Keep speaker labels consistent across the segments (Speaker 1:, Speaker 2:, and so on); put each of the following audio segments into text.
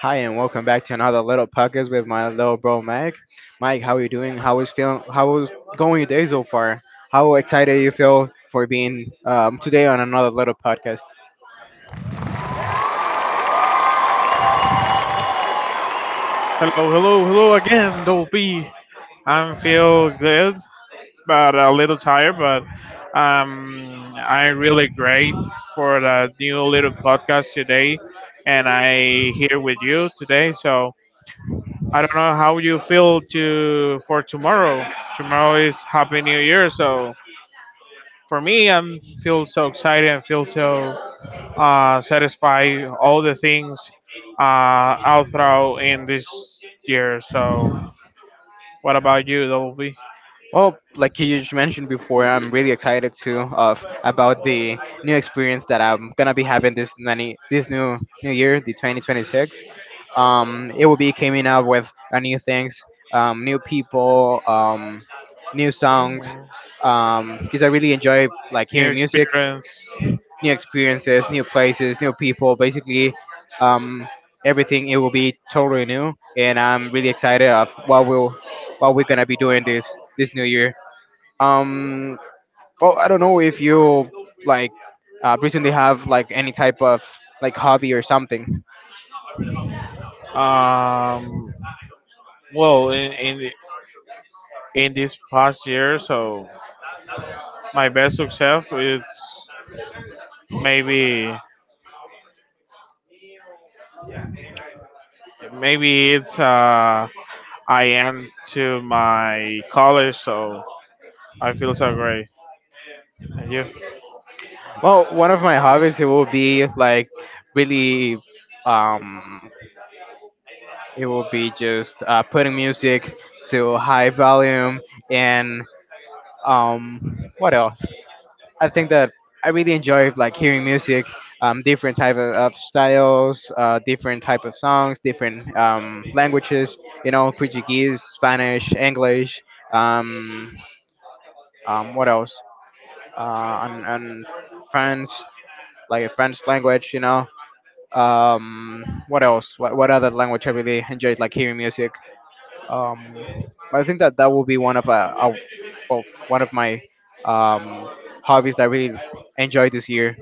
Speaker 1: Hi, and welcome back to another little podcast with my little bro Mike. Mike, how are you doing? How is feeling? How is going your day so far? How excited you feel for being today on another little podcast?
Speaker 2: Hello, hello, hello again, Dolby. I feel good, but a little tired, but I'm really great for the new little podcast today, and I here with you today. So I don't know how you feel to for tomorrow. Tomorrow is Happy New Year, so for me, I'm feel so excited and feel so satisfied all the things out throughout in this year. So what about you, Dolby?
Speaker 1: Well, like you just mentioned before, I'm really excited too of about the new experience that I'm gonna be having this nanny, this new year, the 2026. It will be coming up with new things, new people, new songs.
Speaker 2: Mhm.
Speaker 1: Because I really enjoy like
Speaker 2: New
Speaker 1: hearing music,
Speaker 2: experience?
Speaker 1: new experiences, new places, new people. Basically, um, everything it will be totally new, and I'm really excited of what will what we're gonna be doing this new year. Um well, I don't know if you like, recently have like any type of like hobby or something.
Speaker 2: Um, well, in this past year, so my best success is maybe maybe it's I am to my college, so I feel so great. And you?
Speaker 1: Well, one of my hobbies it will be like really, um it will be just putting music to high volume, and what else? I think that I really enjoy like hearing music, different type of styles, different type of songs, different languages. You know, Portuguese, Spanish, English. Um, what else? And French, like a French language. You know. What else? What other language I really enjoyed like hearing music? Um, I think that that will be one of well, one of my um, hobbies that I really enjoyed this year.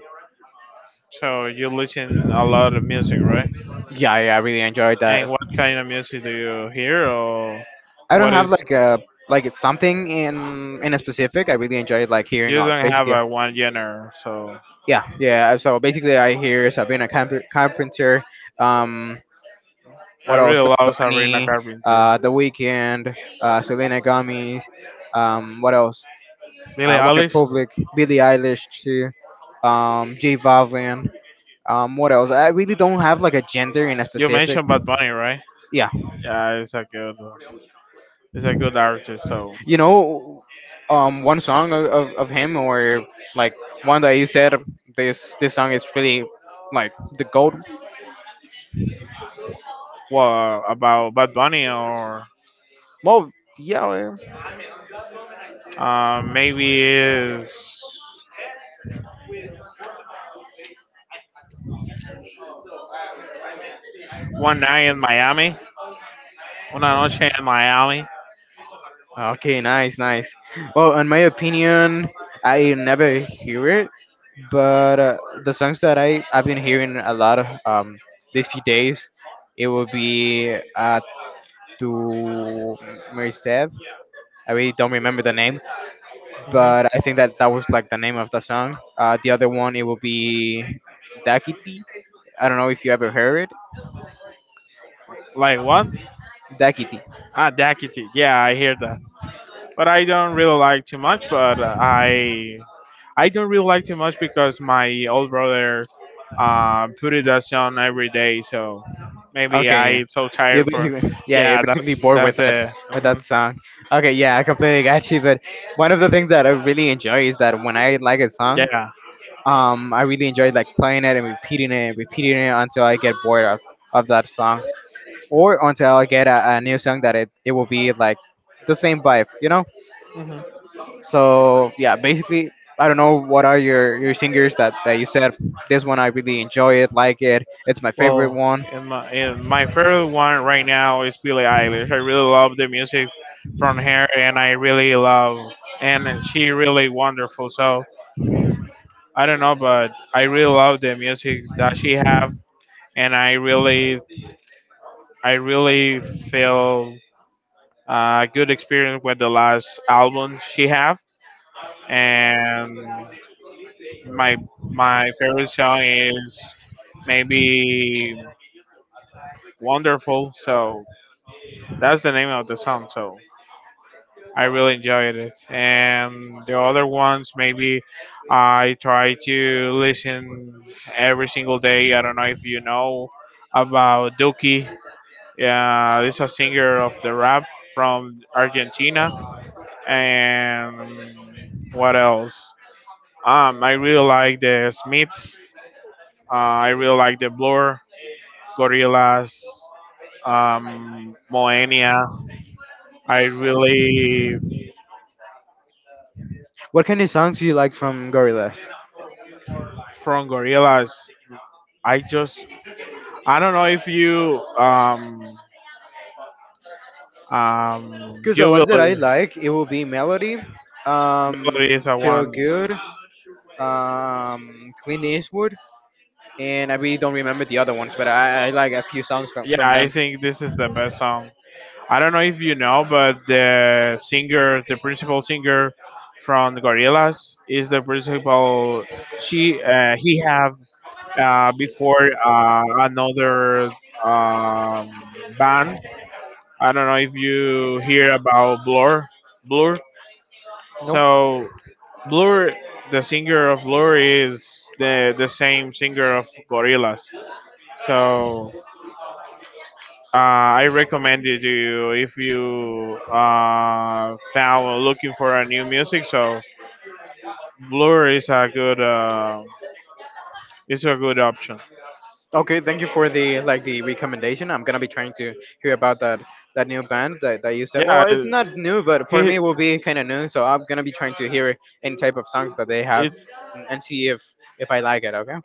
Speaker 2: So you listen a lot of music, right?
Speaker 1: Yeah, yeah, I really enjoyed that.
Speaker 2: And what kind of music do you hear, or
Speaker 1: I don't
Speaker 2: what
Speaker 1: have
Speaker 2: is?
Speaker 1: like a, like it's something in a specific. I really enjoyed like hearing
Speaker 2: You
Speaker 1: all
Speaker 2: don't have
Speaker 1: basically.
Speaker 2: a one genre, so
Speaker 1: Yeah, yeah. So basically, I hear Carpenter. Um,
Speaker 2: I
Speaker 1: what else?
Speaker 2: really
Speaker 1: Bad
Speaker 2: love Sabrina
Speaker 1: Bunny,
Speaker 2: Carpenter.
Speaker 1: The Weeknd, Selena Gomez. What else?
Speaker 2: Billie
Speaker 1: One
Speaker 2: Eilish.
Speaker 1: Republic, Billie Eilish too. J Balvin. What else? I really don't have like a gender in a
Speaker 2: You
Speaker 1: specific.
Speaker 2: mentioned Bad Bunny, right?
Speaker 1: Yeah,
Speaker 2: Yeah, it's a good artist. So,
Speaker 1: you know, one song of him or like one that you said this song is really like the gold.
Speaker 2: what about Bad Bunny or
Speaker 1: Well, yeah, well,
Speaker 2: maybe is one night in Miami, una noche in Miami.
Speaker 1: okay, nice, nice. Well, in my opinion, I never hear it, but the songs that I've been hearing a lot of these few days, it will be to Mercev. I really don't remember the name,
Speaker 2: Hmm.
Speaker 1: but I think that that was like the name of the song. The other one it will be Dakiti. I don't know if you ever heard it.
Speaker 2: Like what?
Speaker 1: Dakiti.
Speaker 2: Ah, Dakity. Yeah, I hear but I don't really like too much. But I don't really like too much because my old brother put it us on every day, so maybe
Speaker 1: Okay, yeah.
Speaker 2: I so
Speaker 1: You're
Speaker 2: tired for.
Speaker 1: basically yeah, you're
Speaker 2: Yeah,
Speaker 1: basically
Speaker 2: that's
Speaker 1: bored
Speaker 2: that's it.
Speaker 1: with
Speaker 2: Hmm.
Speaker 1: that song. Okay, yeah, I completely got you. But one of the things that I really enjoy is that when I like a song,
Speaker 2: Yeah.
Speaker 1: I really enjoy like playing it and repeating it and repeating it until I get bored of that song, or until I get a new song that it will be like the same vibe, you know.
Speaker 2: Hmm.
Speaker 1: So yeah, basically, I don't know what are your singers that you said. This one I really enjoy it, like it. It's my favorite
Speaker 2: Well,
Speaker 1: one.
Speaker 2: in my favorite one right now is Billie Eilish. I really love the music from her, and I really love and she really wonderful. So I don't know, but I really love the music that she have, and I really feel a good experience with the last album she have, and my my favorite song is maybe "Wonderful." So that's the name of the song. So I really enjoyed it, and the other ones maybe I try to listen every single day. I don't know if you know about Duki. Yeah, he's a singer of the rap from Argentina and what else? I really like the Smiths. Uh, I really like the Blur, Gorillaz, Moenia. I really
Speaker 1: What kind of songs do you like from Gorillaz?
Speaker 2: from Gorillaz. I just I don't know if you
Speaker 1: Because the
Speaker 2: you
Speaker 1: ones that I
Speaker 2: will
Speaker 1: like, it will be Melody,
Speaker 2: melodies I
Speaker 1: Feel
Speaker 2: want.
Speaker 1: Good, Clean Eastwood, and I really don't remember the other ones, but I like a few songs
Speaker 2: Yeah,
Speaker 1: from
Speaker 2: I
Speaker 1: them.
Speaker 2: think this is the best song. I don't know if you know, but the singer, the principal singer from the Gorillaz, is the principal. She he have before another um, band. I don't know if you hear about Blur. Blur.
Speaker 1: Nope.
Speaker 2: So Blur, the singer of Blur, is the same singer of Gorillaz. So uh, I recommend it to you if you found looking for a new music. So Blur is a good option.
Speaker 1: Okay, thank you for the like the recommendation. I'm gonna be trying to hear about that that new band that you said. Well,
Speaker 2: Yeah,
Speaker 1: it's not new, but for me
Speaker 2: he.
Speaker 1: it will be kind of new. So I'm gonna be trying to hear any type of songs that they have,
Speaker 2: It,
Speaker 1: mm, and see if I like it. Okay.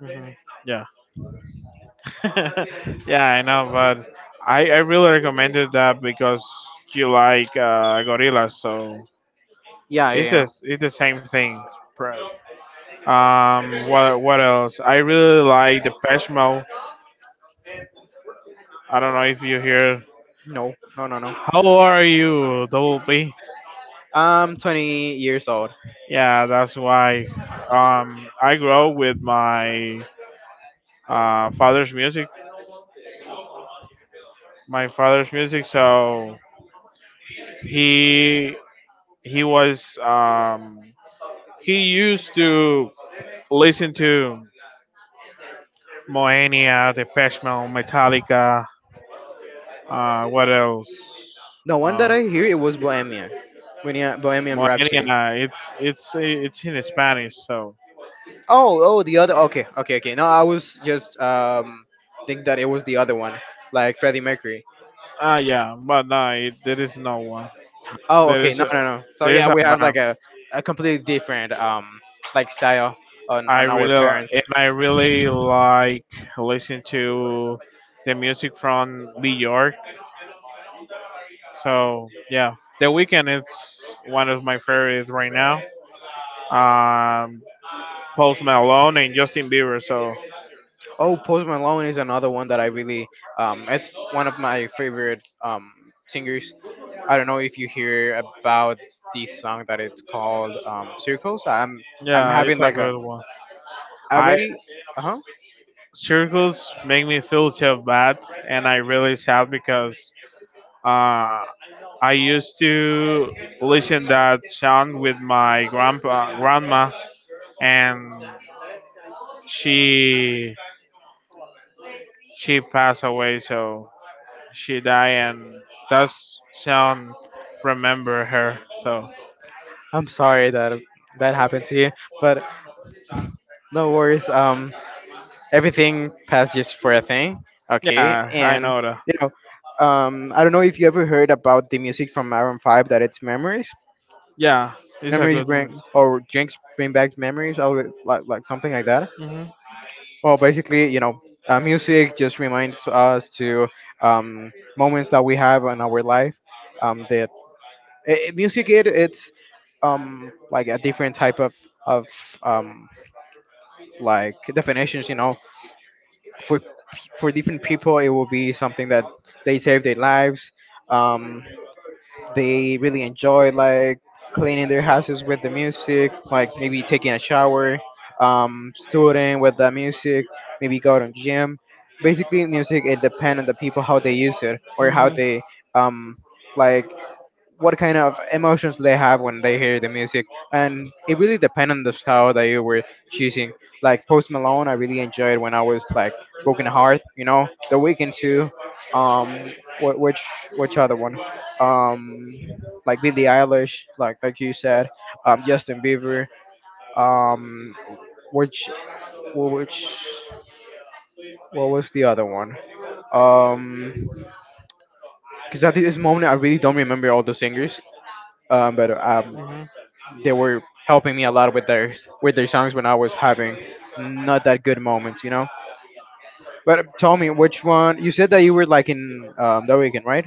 Speaker 2: Mhm. Yeah, yeah, I know, but I really recommended that because you like gorillas, so
Speaker 1: Yeah, yeah, yeah.
Speaker 2: it's the same thing. Right? What else? I really like the Peshmo. I don't know if you hear.
Speaker 1: No, no, no, no.
Speaker 2: How are you, Double P?
Speaker 1: I'm 20 years old.
Speaker 2: Yeah, that's why. I grew up with my father's music. My father's music. So he he was he used to listen to Moenia, the Peshmo, Metallica. What else?
Speaker 1: The one
Speaker 2: Uh,
Speaker 1: that I hear it was Bohemian, Bohemian Rhapsody.
Speaker 2: Moenia. It's in Spanish. So.
Speaker 1: Oh, oh, the other. Okay, okay, okay. No, I was just think that it was the other one, like Freddie Mercury.
Speaker 2: Ah, yeah, but no, there is no one.
Speaker 1: Oh,
Speaker 2: There
Speaker 1: okay.
Speaker 2: is
Speaker 1: No,
Speaker 2: a,
Speaker 1: no, no. So
Speaker 2: there is
Speaker 1: yeah,
Speaker 2: a
Speaker 1: we have like
Speaker 2: band.
Speaker 1: a completely different like style on our parents.
Speaker 2: And I really like listen to the music from New York. So yeah, The Weekend is one of my favorites right now. Um, Post Malone and Justin Bieber. So
Speaker 1: Oh, Post Malone is another one that I really, it's one of my favorite singers. I don't know if you hear about this song that it's called Circles. I'm
Speaker 2: yeah, it's
Speaker 1: having
Speaker 2: a
Speaker 1: like a
Speaker 2: good one. I
Speaker 1: already, uh huh.
Speaker 2: circles make me feel so bad, and I really sad because Uh, I used to listen that song with my grandpa, grandma, and she she passed away, so she died, and that song remember her. So
Speaker 1: I'm sorry that that happened to you, but no worries. Everything passed just for a thing. Okay,
Speaker 2: yeah, I
Speaker 1: and
Speaker 2: know that.
Speaker 1: you know, I don't know if you ever heard about the music from Maroon Five that it's memories.
Speaker 2: Yeah, it's a
Speaker 1: Memories
Speaker 2: good.
Speaker 1: bring or drinks bring back memories, or like something like that.
Speaker 2: Mm-hmm.
Speaker 1: Well, basically, you know, music just reminds us to moments that we have in our life. That music it's like a different type of um like definitions, you know, for p- for different people it will be something that they save their lives, um, they really enjoy like cleaning their houses with the music, like maybe taking a shower, student with the music, maybe go to gym. Basically music it depends on the people how they use it or how
Speaker 2: Hmm.
Speaker 1: they um, like what kind of emotions they have when they hear the music, and it really depends on the style that you were choosing. Like Post Malone I really enjoyed when I was like broken heart, you know, the Weeknd too, um wh- which which other one, um like Billie Eilish, like you said, Justin Bieber, um which which what was the other one, um because at this moment I really don't remember all the singers, but
Speaker 2: Hmm.
Speaker 1: they were helping me a lot with their songs when I was having not that good moments, you know. But tell me, which one? You said that you were like in The Weekend, right?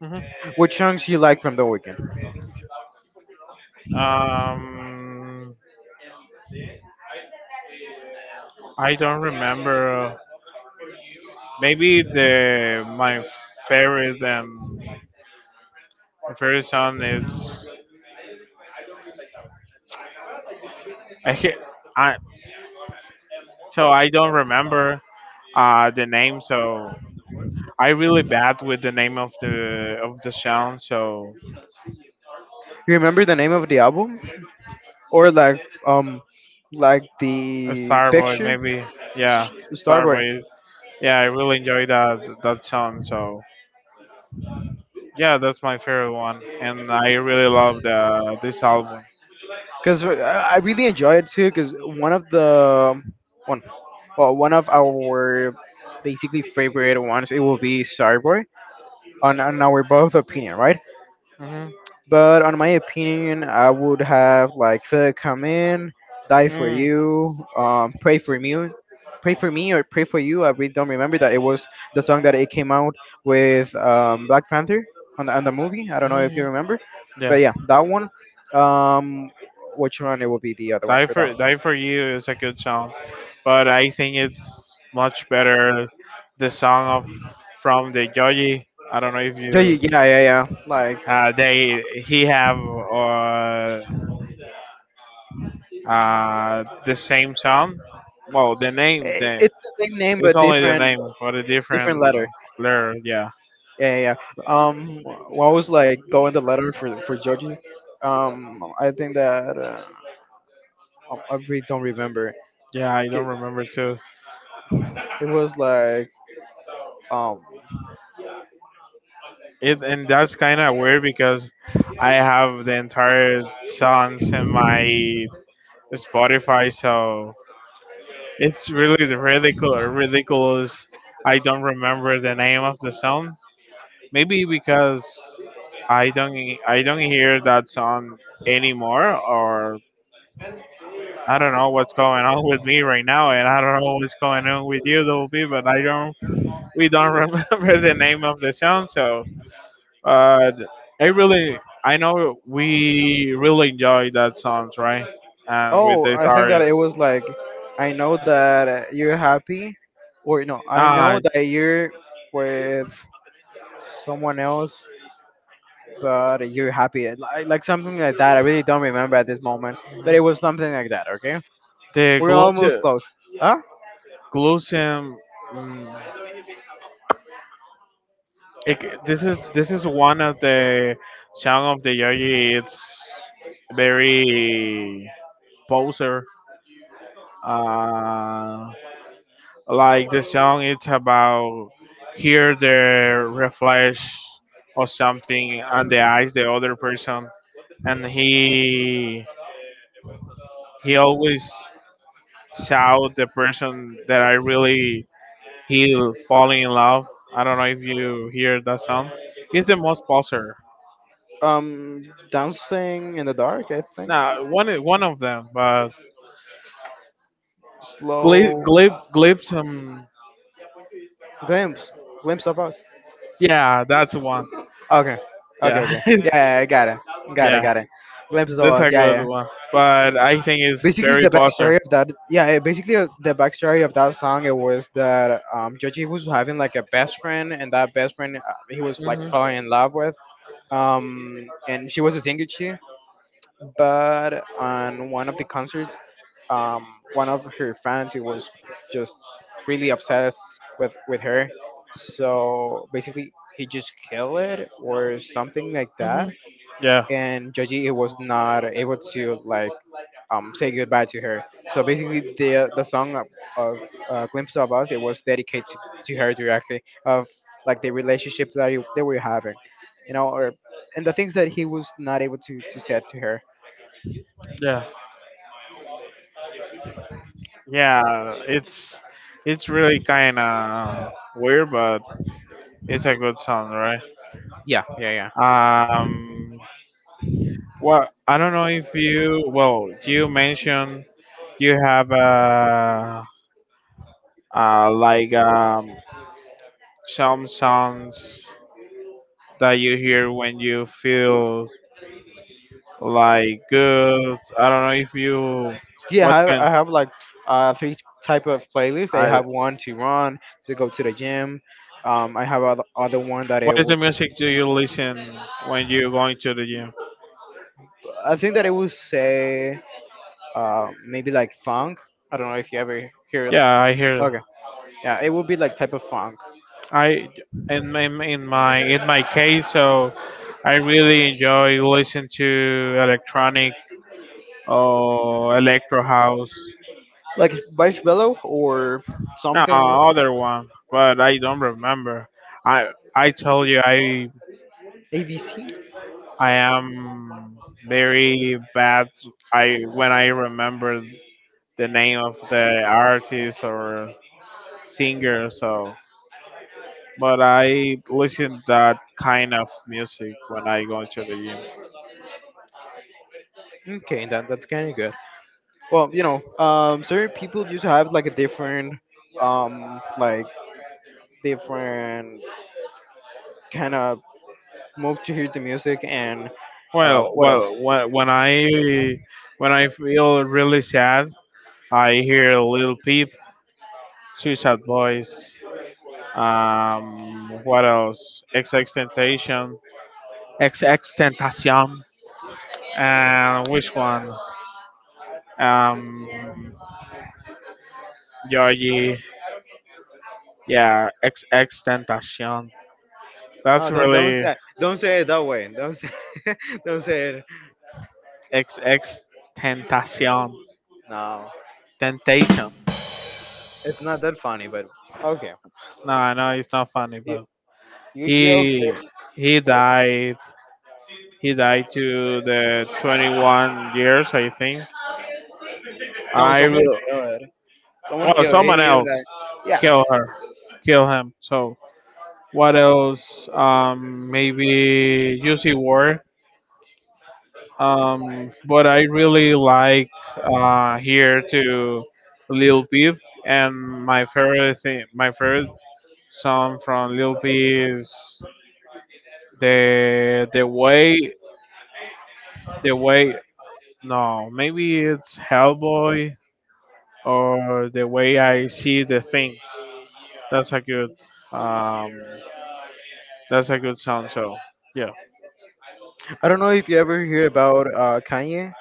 Speaker 2: Hmm.
Speaker 1: Which songs you like from The Weekend?
Speaker 2: Um, I don't remember. Maybe the favorite um my favorite song is I ca- I so I don't remember the name so I really bad with the name of the song so
Speaker 1: You remember the name of the album or um like the
Speaker 2: Starboy
Speaker 1: picture
Speaker 2: maybe, yeah
Speaker 1: Starboy?
Speaker 2: Starboy is- yeah I really enjoy that song so yeah that's my favorite one and I really love the this album.
Speaker 1: Because I really enjoy it too. Because one of the one, well one of our basically favorite ones it will be Starboy on our both opinion, right?
Speaker 2: Hmm.
Speaker 1: But on my opinion, I would have like Phil come in, die for
Speaker 2: Mm-hmm.
Speaker 1: you, pray for me or pray for you. I really don't remember that it was the song that it came out with Black Panther on on the movie. I don't know if you
Speaker 2: Mm-hmm.
Speaker 1: remember,
Speaker 2: Yeah.
Speaker 1: but yeah, that one. Um, which one? It will be the other one
Speaker 2: Die
Speaker 1: for that.
Speaker 2: for Die for You is a good song, but I think it's much better the song of from the Joji. I don't know if
Speaker 1: Yeah,
Speaker 2: you
Speaker 1: yeah, yeah, yeah, yeah. Like
Speaker 2: they he have the same sound. Well, the name
Speaker 1: I
Speaker 2: the
Speaker 1: it's the same name
Speaker 2: it's
Speaker 1: but
Speaker 2: only the
Speaker 1: different
Speaker 2: name, but a different
Speaker 1: different letter.
Speaker 2: letter. Yeah,
Speaker 1: Yeah, yeah, yeah. What was like going the letter for Joji? I think that I really don't remember.
Speaker 2: yeah, I don't
Speaker 1: K-
Speaker 2: remember too.
Speaker 1: It was like um.
Speaker 2: It and that's kind of weird because I have the entire songs in my Spotify, so it's really ridiculous. Ridiculous. I don't remember the name of the song. Maybe because I don't I don't hear that song anymore, or I don't know what's going on with me right now, and I don't know what's going on with you, Double P. But I don't. We don't remember the name of the song, so. But I really, I know we really enjoy that songs, right? And with
Speaker 1: Oh,
Speaker 2: this
Speaker 1: I think that it
Speaker 2: artist,
Speaker 1: was like I know that you're happy, or no, I know
Speaker 2: ah,
Speaker 1: that you're with someone else, but you're happy. Like something like that. I really don't remember at this moment, but it was something like that. Okay,
Speaker 2: the
Speaker 1: we're
Speaker 2: glow.
Speaker 1: almost close. Huh?
Speaker 2: Colosseum. mm, this is one of the song of the Yogi. It's very poser. Uh, like the song, it's about hear the reflex or something on the eyes the other person, and he always shout the person that I really he falling in love. I don't know if you hear that song. It's the most poser.
Speaker 1: Dancing in the dark. I think.
Speaker 2: No, one of them, but Glib
Speaker 1: Slow
Speaker 2: Glib Glibson.
Speaker 1: glimpse, glimpse of us.
Speaker 2: Yeah, that's the one.
Speaker 1: Okay, okay,
Speaker 2: Yeah,
Speaker 1: okay. Yeah, yeah, yeah, I got it, got it,
Speaker 2: yeah,
Speaker 1: got it. Glimpses of
Speaker 2: that's
Speaker 1: us.
Speaker 2: a
Speaker 1: Yeah,
Speaker 2: good
Speaker 1: yeah.
Speaker 2: one. But I think it's
Speaker 1: Basically,
Speaker 2: Barry
Speaker 1: the
Speaker 2: Potter.
Speaker 1: backstory of that. Yeah, eh, basically the backstory of that song. It was that Joji was having like a best friend, and that best friend he was like
Speaker 2: Hmm.
Speaker 1: falling in love with. And she was a single chick, but on one of the concerts, um, one of her fans he was just really obsessed with her, so basically he just killed it or something like
Speaker 2: Hmm.
Speaker 1: that,
Speaker 2: Yeah,
Speaker 1: and Joji it was not able to like say goodbye to her. So basically the song of, Glimpse of Us it was dedicated to her directly of like the relationship he, that we we're having, you know, or and the things that he was not able to say to her.
Speaker 2: yeah, yeah. It's it's really kind of weird, but it's a good song, right?
Speaker 1: Yeah, yeah, yeah.
Speaker 2: Um, well, I don't know if you well, you mentioned you have like some sounds that you hear when you feel like good. I don't know if you
Speaker 1: Yeah,
Speaker 2: what kind
Speaker 1: I have like 3 type of playlists. I
Speaker 2: I
Speaker 1: have one to run, to go to the gym. I have other one that I
Speaker 2: what is the
Speaker 1: would.
Speaker 2: music do you listen when you're going to the gym?
Speaker 1: I think that I would say maybe like funk. I don't know if you ever hear.
Speaker 2: Yeah, I hear
Speaker 1: Okay, yeah, it would be like type of funk,
Speaker 2: I in my case so I really enjoy listening to electronic or electro house.
Speaker 1: like marshmallow or
Speaker 2: No,
Speaker 1: something,
Speaker 2: other one, but I don't remember. I I told you I
Speaker 1: ABC.
Speaker 2: I am very bad. I when I remember the name of the artist or singer, so but I listen that kind of music when I go to the gym.
Speaker 1: Okay, that that's kind of good. Well, you know, certain people just have like a different, like different kind of move to hear the music and
Speaker 2: Well,
Speaker 1: what else?
Speaker 2: well, when I feel really sad, I hear Lil Peep, Suicide Boys. What else? XX Temptation. XX Tentacion. And which one? Um, Georgie. Yeah, XX Tentacion.
Speaker 1: No,
Speaker 2: That's
Speaker 1: don't
Speaker 2: really
Speaker 1: say don't say it that way. Don't say don't say it.
Speaker 2: XX Tentacion.
Speaker 1: No,
Speaker 2: Temptation.
Speaker 1: it's not that funny. But okay,
Speaker 2: No, I know it's not funny,
Speaker 1: you,
Speaker 2: but
Speaker 1: you jokes.
Speaker 2: he he
Speaker 1: But
Speaker 2: died. He died to the 21 years, I think.
Speaker 1: no,
Speaker 2: I
Speaker 1: someone
Speaker 2: will.
Speaker 1: killed. Someone
Speaker 2: Well,
Speaker 1: killed.
Speaker 2: someone
Speaker 1: He don't
Speaker 2: else
Speaker 1: die. Yeah,
Speaker 2: kill her, kill him. So what else? Maybe UC Ward. But I really like here to Lil Peep, and my favorite thing, my favorite song from Lil Peep is the the way the way. No, maybe it's Hellboy or the way I see the things. That's a good um, that's a good song. So yeah,
Speaker 1: I don't know if you ever hear about Kanye,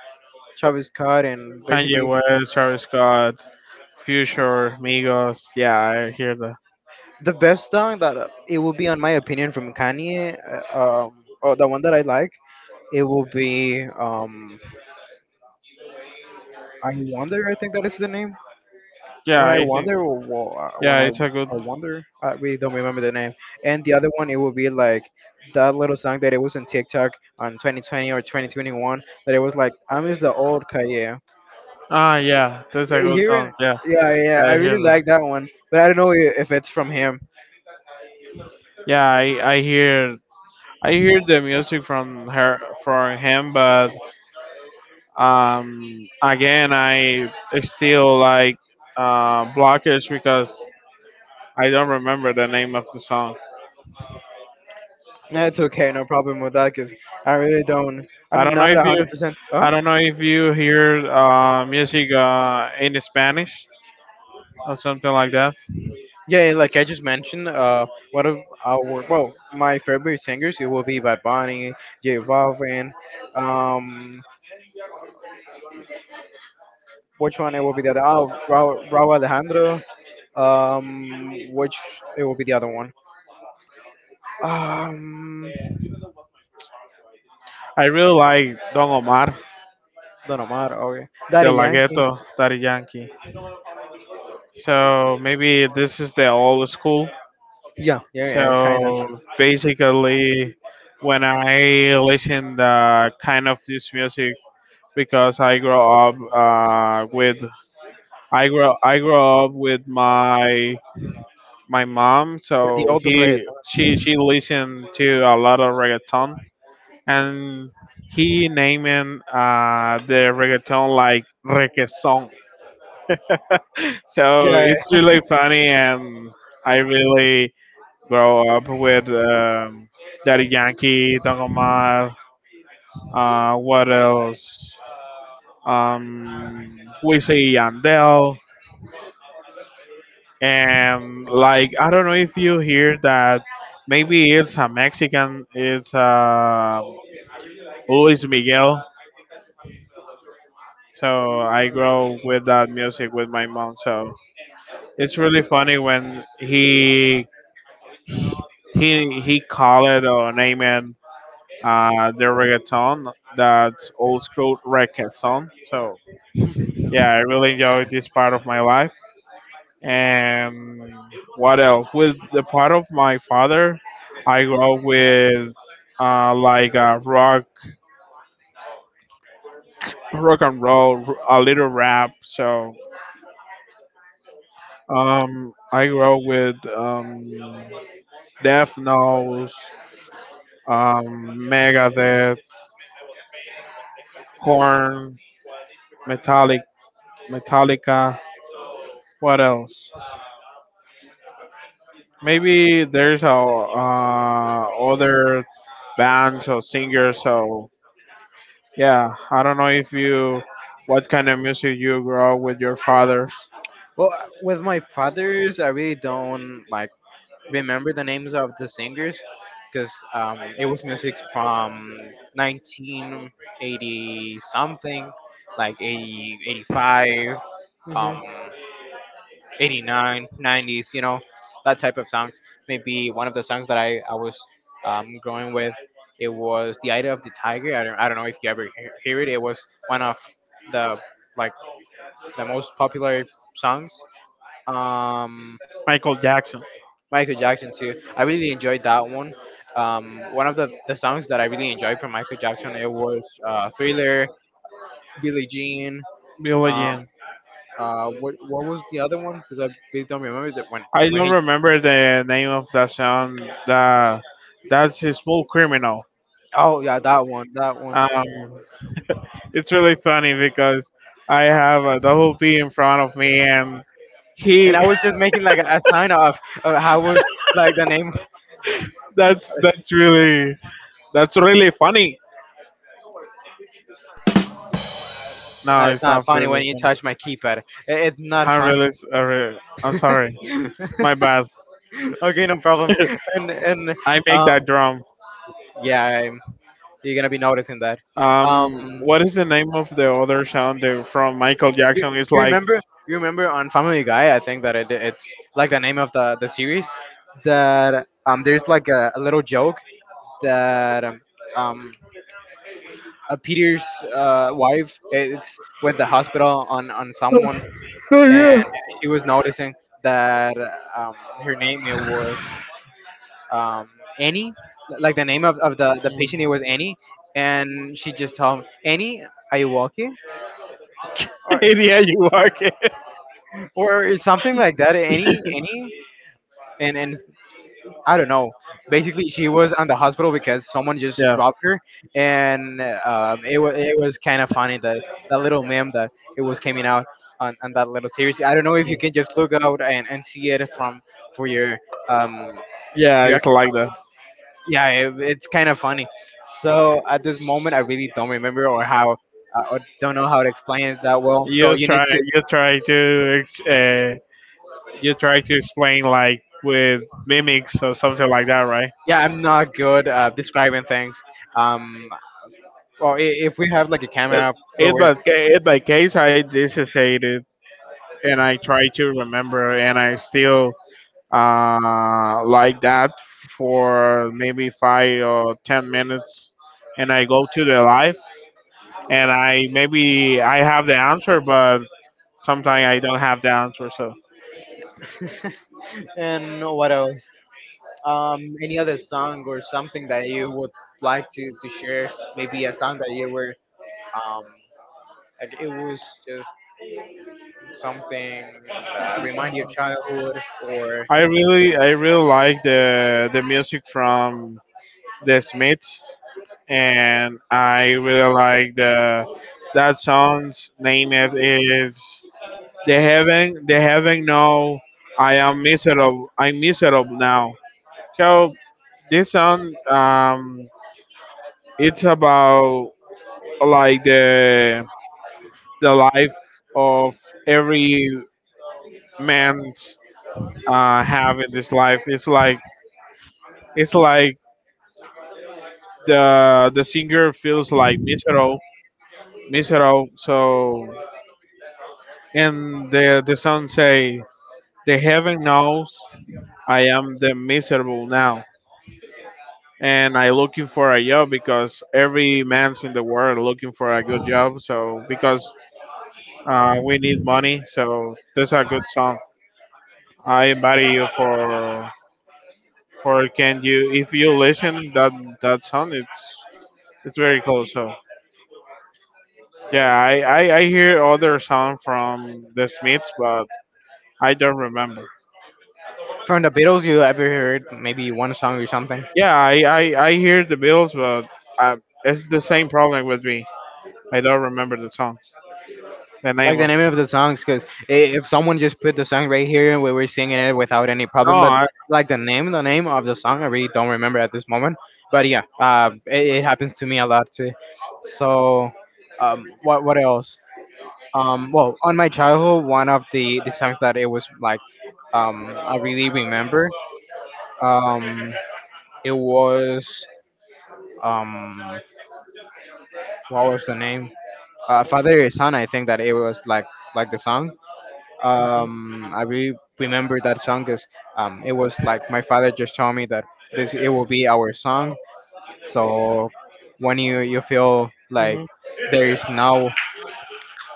Speaker 1: Travis Scott, and
Speaker 2: Kanye
Speaker 1: basically
Speaker 2: West, Travis Scott, Future, Migos. Yeah, I hear that.
Speaker 1: the best song that it would be, on my opinion, from Kanye. Oh, the one that I like. It will be I wonder. I think that is the name.
Speaker 2: Yeah,
Speaker 1: When I
Speaker 2: I think.
Speaker 1: wonder, well, when
Speaker 2: Yeah,
Speaker 1: I
Speaker 2: it's a good.
Speaker 1: I wonder, I really don't remember the name. And the other one, it would be like that little song that it was on TikTok on 2020 or 2021 that it was like I'm is the old Kanye.
Speaker 2: Ah, yeah, that's a
Speaker 1: Yeah, you
Speaker 2: good
Speaker 1: hear it?
Speaker 2: song. Yeah,
Speaker 1: Yeah, yeah. I
Speaker 2: I hear
Speaker 1: really
Speaker 2: that.
Speaker 1: like that one, but I don't know if it's from him.
Speaker 2: Yeah, I hear the music from her from him, but um again I still like blockage because I don't remember the name of the song.
Speaker 1: That's okay, no problem with that, cause I really don't.
Speaker 2: I
Speaker 1: I'm
Speaker 2: don't know
Speaker 1: not
Speaker 2: if
Speaker 1: a
Speaker 2: you
Speaker 1: hundred percent. Oh,
Speaker 2: I don't know if you hear music in Spanish or something like that.
Speaker 1: yeah, yeah, like I just mentioned, one of our well, my favorite singers it will be Bad Bunny, J Balvin, um, which one it will be the other? Oh, Raul Alejandro. Which it will be the other one? Um,
Speaker 2: I really like Don Omar.
Speaker 1: Don Omar. Okay,
Speaker 2: The
Speaker 1: Daddy Yankee.
Speaker 2: Lagueto Daddy Yankee. So maybe this is the old school.
Speaker 1: Yeah, yeah, yeah, kind of
Speaker 2: So basically, when I listen the kind of this music, because I grew up with I grew up with my mom,
Speaker 1: with the
Speaker 2: so
Speaker 1: old red.
Speaker 2: he she listened to a lot of reggaeton, and he naming the reggaeton like reggaeton. So
Speaker 1: Yeah.
Speaker 2: it's really funny, and I really grow up with Daddy Yankee, Don Omar. What else? Um, we say Yandel, and like I don't know if you hear that. Maybe it's a Mexican. It's Luis Miguel. So I grow with that music with my mom. So it's really funny when he call it or name it the reggaeton, that's old school reggaeton. So yeah, I really enjoyed this part of my life. And what else? With the part of my father, I grew up with like rock, rock and roll, a little rap. So I grew up with Death Nose, Megadeth, Korn, Metallic, Metallica. What else? Maybe there's other bands or singers. So yeah, I don't know if you what kind of music you grow up with your father.
Speaker 1: Well, with my fathers, I really don't like remember the names of the singers because it was music from 1980 something, like 80 85. Um, '89, nineties, you know that type of songs, maybe one of the songs that I was growing with, it was the idea of the tiger. I don't, I don't know if you ever hear it. It was one of the like the most popular songs. um
Speaker 2: Michael Jackson.
Speaker 1: Michael Jackson too. I really enjoyed that one. One of the songs that I really enjoyed from Michael Jackson, it was Thriller, Billie Jean.
Speaker 2: Billie
Speaker 1: um
Speaker 2: Jean.
Speaker 1: what was the other one? Because I really don't remember that one.
Speaker 2: I
Speaker 1: When
Speaker 2: don't
Speaker 1: he,
Speaker 2: remember the name of that song. That that's a small criminal.
Speaker 1: oh yeah, that one, that one.
Speaker 2: Um, it's really funny because I have a double P in front of me, and
Speaker 1: And
Speaker 2: he.
Speaker 1: I was just making like a sign off of how was like the name.
Speaker 2: That's that's really that's really funny. No,
Speaker 1: That is
Speaker 2: it's
Speaker 1: not
Speaker 2: not
Speaker 1: funny when
Speaker 2: really
Speaker 1: you
Speaker 2: funny.
Speaker 1: touch my keypad. It's not
Speaker 2: Hand
Speaker 1: funny.
Speaker 2: relics are. I'm
Speaker 1: Okay,
Speaker 2: sorry. My bad.
Speaker 1: no problem. And
Speaker 2: I make
Speaker 1: um
Speaker 2: that drum.
Speaker 1: yeah, I'm, you're gonna be noticing that. Um,
Speaker 2: What is the name of the other sound that from Michael
Speaker 1: you
Speaker 2: Jackson? It's
Speaker 1: you
Speaker 2: like,
Speaker 1: remember you remember on Family Guy? I think that it's like the name of the series that there's like a little joke that um Peter's wife it's went to the hospital on someone, and she was noticing that um, her name it was um, Annie, like the name the patient it was Annie, and she just told him, Annie, are you walking? Or,
Speaker 2: yeah, you walk it.
Speaker 1: or something like that. Annie, Annie, and I don't know. Basically, she was on the hospital because someone just
Speaker 2: Yeah,
Speaker 1: robbed her, and it was kind of funny that that little meme that it was coming out on that little series. I don't know if you can just look out and see it from for your um
Speaker 2: yeah, it's
Speaker 1: directly.
Speaker 2: like that.
Speaker 1: Yeah, it's kind of funny. So at this moment, I really don't remember or how or don't know how to explain it that well. So
Speaker 2: You
Speaker 1: you need
Speaker 2: try,
Speaker 1: to.
Speaker 2: you try to, you try to explain like with mimics or something like that, right?
Speaker 1: Yeah, I'm not good describing things. Um, well, if we have like a
Speaker 2: It,
Speaker 1: camera, well, we're.
Speaker 2: it by case I dissociated and I try to remember and I still like that for maybe 5 or 10 minutes, and I go to the live, and I maybe I have the answer, but sometimes I don't have the answer. So
Speaker 1: And what else? Any other song or something that you would like to share? Maybe a song that you were um like it was just something that remind you of childhood or
Speaker 2: I really like the music from the Smiths, and I really like the that song's name is the heaven no I am miserable. I'm miserable now. So this song, it's about like the life of every man's have in this life. It's like it's like the singer feels like miserable, miserable. So and the song say, "The heaven knows I am the miserable now." And I looking for a job because every man's in the world looking for a good job. So because we need money, so that's a good song. I invite you for can you if you listen that song it's very cool. So yeah, I hear other song from the Smiths, but I don't remember.
Speaker 1: from the Beatles, you ever heard maybe one song or something?
Speaker 2: Yeah, I hear the Bills, but I, it's the same problem with me. I don't remember the song, the
Speaker 1: Like
Speaker 2: name
Speaker 1: the
Speaker 2: of.
Speaker 1: name of the songs, because if someone just put the song right here and we were singing it without any
Speaker 2: No,
Speaker 1: problem, but
Speaker 2: I,
Speaker 1: like the name of the song, I really don't remember at this moment. But yeah, it, it happens to me a lot too. So, what else? Well, on my childhood, one of the songs that it was like, I really remember, um, it was um, what was the name? Father Son. I think that it was like the song. Remember that song because it was like my father just told me that this it will be our song. So when you feel like there is no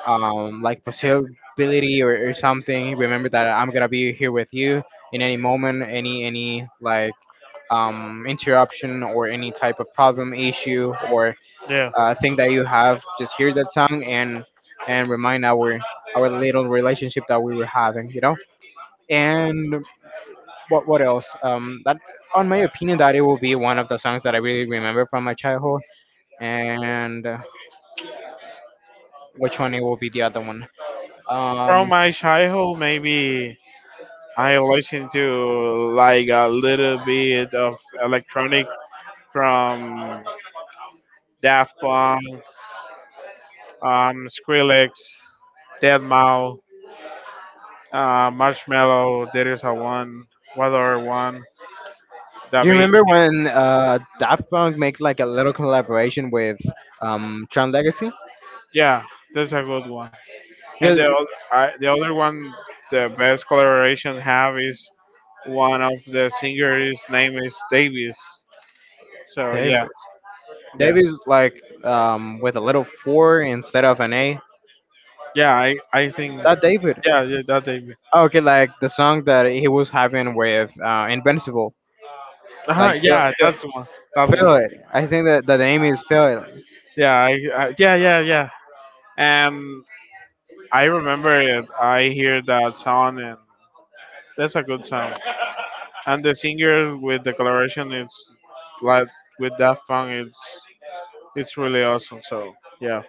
Speaker 1: like possibility or something, remember that I'm gonna be here with you in any moment, any like interruption or any type of problem issue or
Speaker 2: yeah.
Speaker 1: thing that you have. Just hear that song and remind our little relationship that we were having, you know. And what else? That on my opinion, that it will be one of the songs that I really remember from my childhood. And which one it will be the other one? Um,
Speaker 2: From my childhood, maybe I listen to like a little bit of electronic from Daft Punk, Skrillex, Deadmau, Marshmallow. There is a one, what other one?
Speaker 1: you
Speaker 2: David.
Speaker 1: remember when Daft Punk makes like a little collaboration with Tron Legacy?
Speaker 2: Yeah, that's a good one.
Speaker 1: Yeah,
Speaker 2: And the other one, the best collaboration have is one of the singers' name is Davis. So
Speaker 1: David.
Speaker 2: yeah, yeah,
Speaker 1: David's like with a little four instead of an A.
Speaker 2: yeah. I think
Speaker 1: That David.
Speaker 2: yeah, yeah that Davis.
Speaker 1: Okay, like the song that he was having with Invincible,
Speaker 2: Uh-huh,
Speaker 1: like
Speaker 2: yeah, that's one. That one.
Speaker 1: feel it. I think that that the name is feel it.
Speaker 2: Yeah, yeah, yeah, yeah. And I remember it. I hear that song, and that's a good song. And the singer with the collaboration, it's like with that song, it's really awesome. So yeah,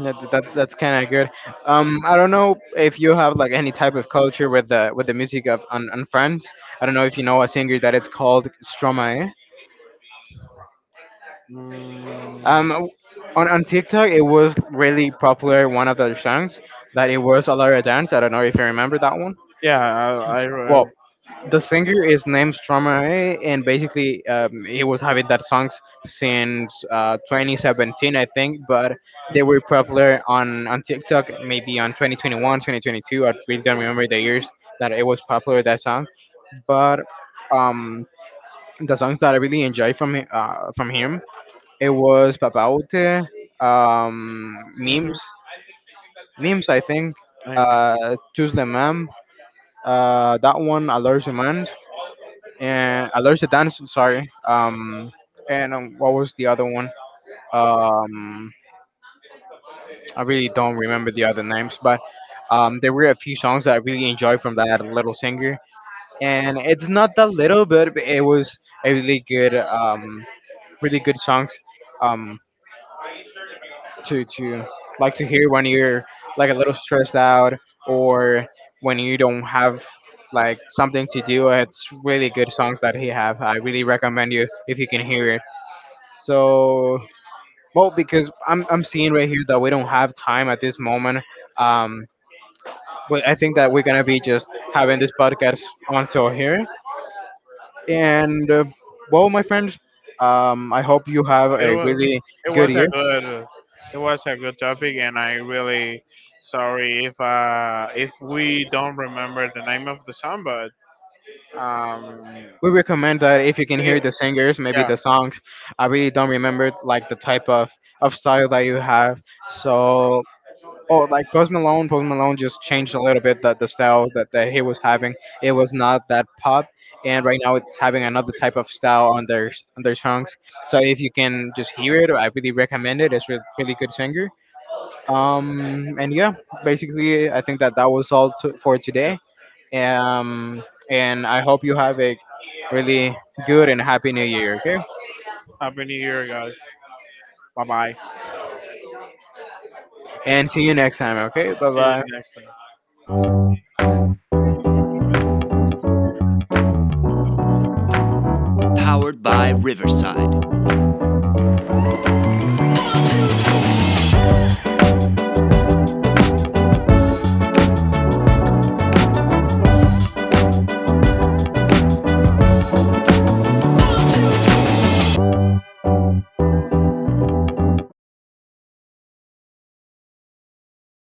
Speaker 1: Yeah, that, that's kind of good. I don't know if you have like any type of culture with the music of on France. I don't know if you know a singer that it's called Stromae. Um,
Speaker 2: mm,
Speaker 1: on TikTok, it was really popular. One of their songs that it was a lot of dance. I don't know if you remember that one.
Speaker 2: yeah,
Speaker 1: Well, the singer is named Stromae, and basically he was having that songs since 2017, I think. But they were
Speaker 2: I
Speaker 1: popular on TikTok maybe on 2021, 2022. I really don't remember the years that it was popular that song, but um, the songs that I really enjoy from from him it was Papaute,
Speaker 2: hmm
Speaker 1: memes, memes I think,
Speaker 2: I mean,
Speaker 1: Tous les Mam, that one, Alert and Alerta Dance. Sorry. And what was the other one? Um, I really don't remember the other names, but there were a few songs that I really enjoyed from that little singer. And it's not that little, but it was a really good, really good songs. Um, to like to hear when you're like a little stressed out or when you don't have like something to do. It's really good songs that he have. I really recommend you if you can hear it. So, well, because I'm seeing right here that we don't have time at this moment. Um, but I think that we're gonna be just having this podcast until here. And well, my friends, I hope you have
Speaker 2: it
Speaker 1: a
Speaker 2: was
Speaker 1: really
Speaker 2: it
Speaker 1: good
Speaker 2: was a
Speaker 1: year.
Speaker 2: good it was a good topic, and I really sorry if we don't remember the name of the song, but Um,
Speaker 1: We recommend that if you can hear
Speaker 2: we,
Speaker 1: the singers, maybe
Speaker 2: yeah,
Speaker 1: the songs. I really don't remember like the type of style that you have. So oh, like Post Malone, Post Malone just changed a little bit that the style that he was having. It was not that pop, and right now it's having another type of style on their songs. So if you can just hear it, I really recommend it. It's a really good singer. And yeah, basically, I think that that was all for
Speaker 2: yeah.
Speaker 1: today. Um, and I hope you have a really good and happy New Year. Okay,
Speaker 2: Happy New Year, guys. Bye bye.
Speaker 1: and see you next time. Okay, bye
Speaker 2: See you
Speaker 1: bye.
Speaker 2: next time.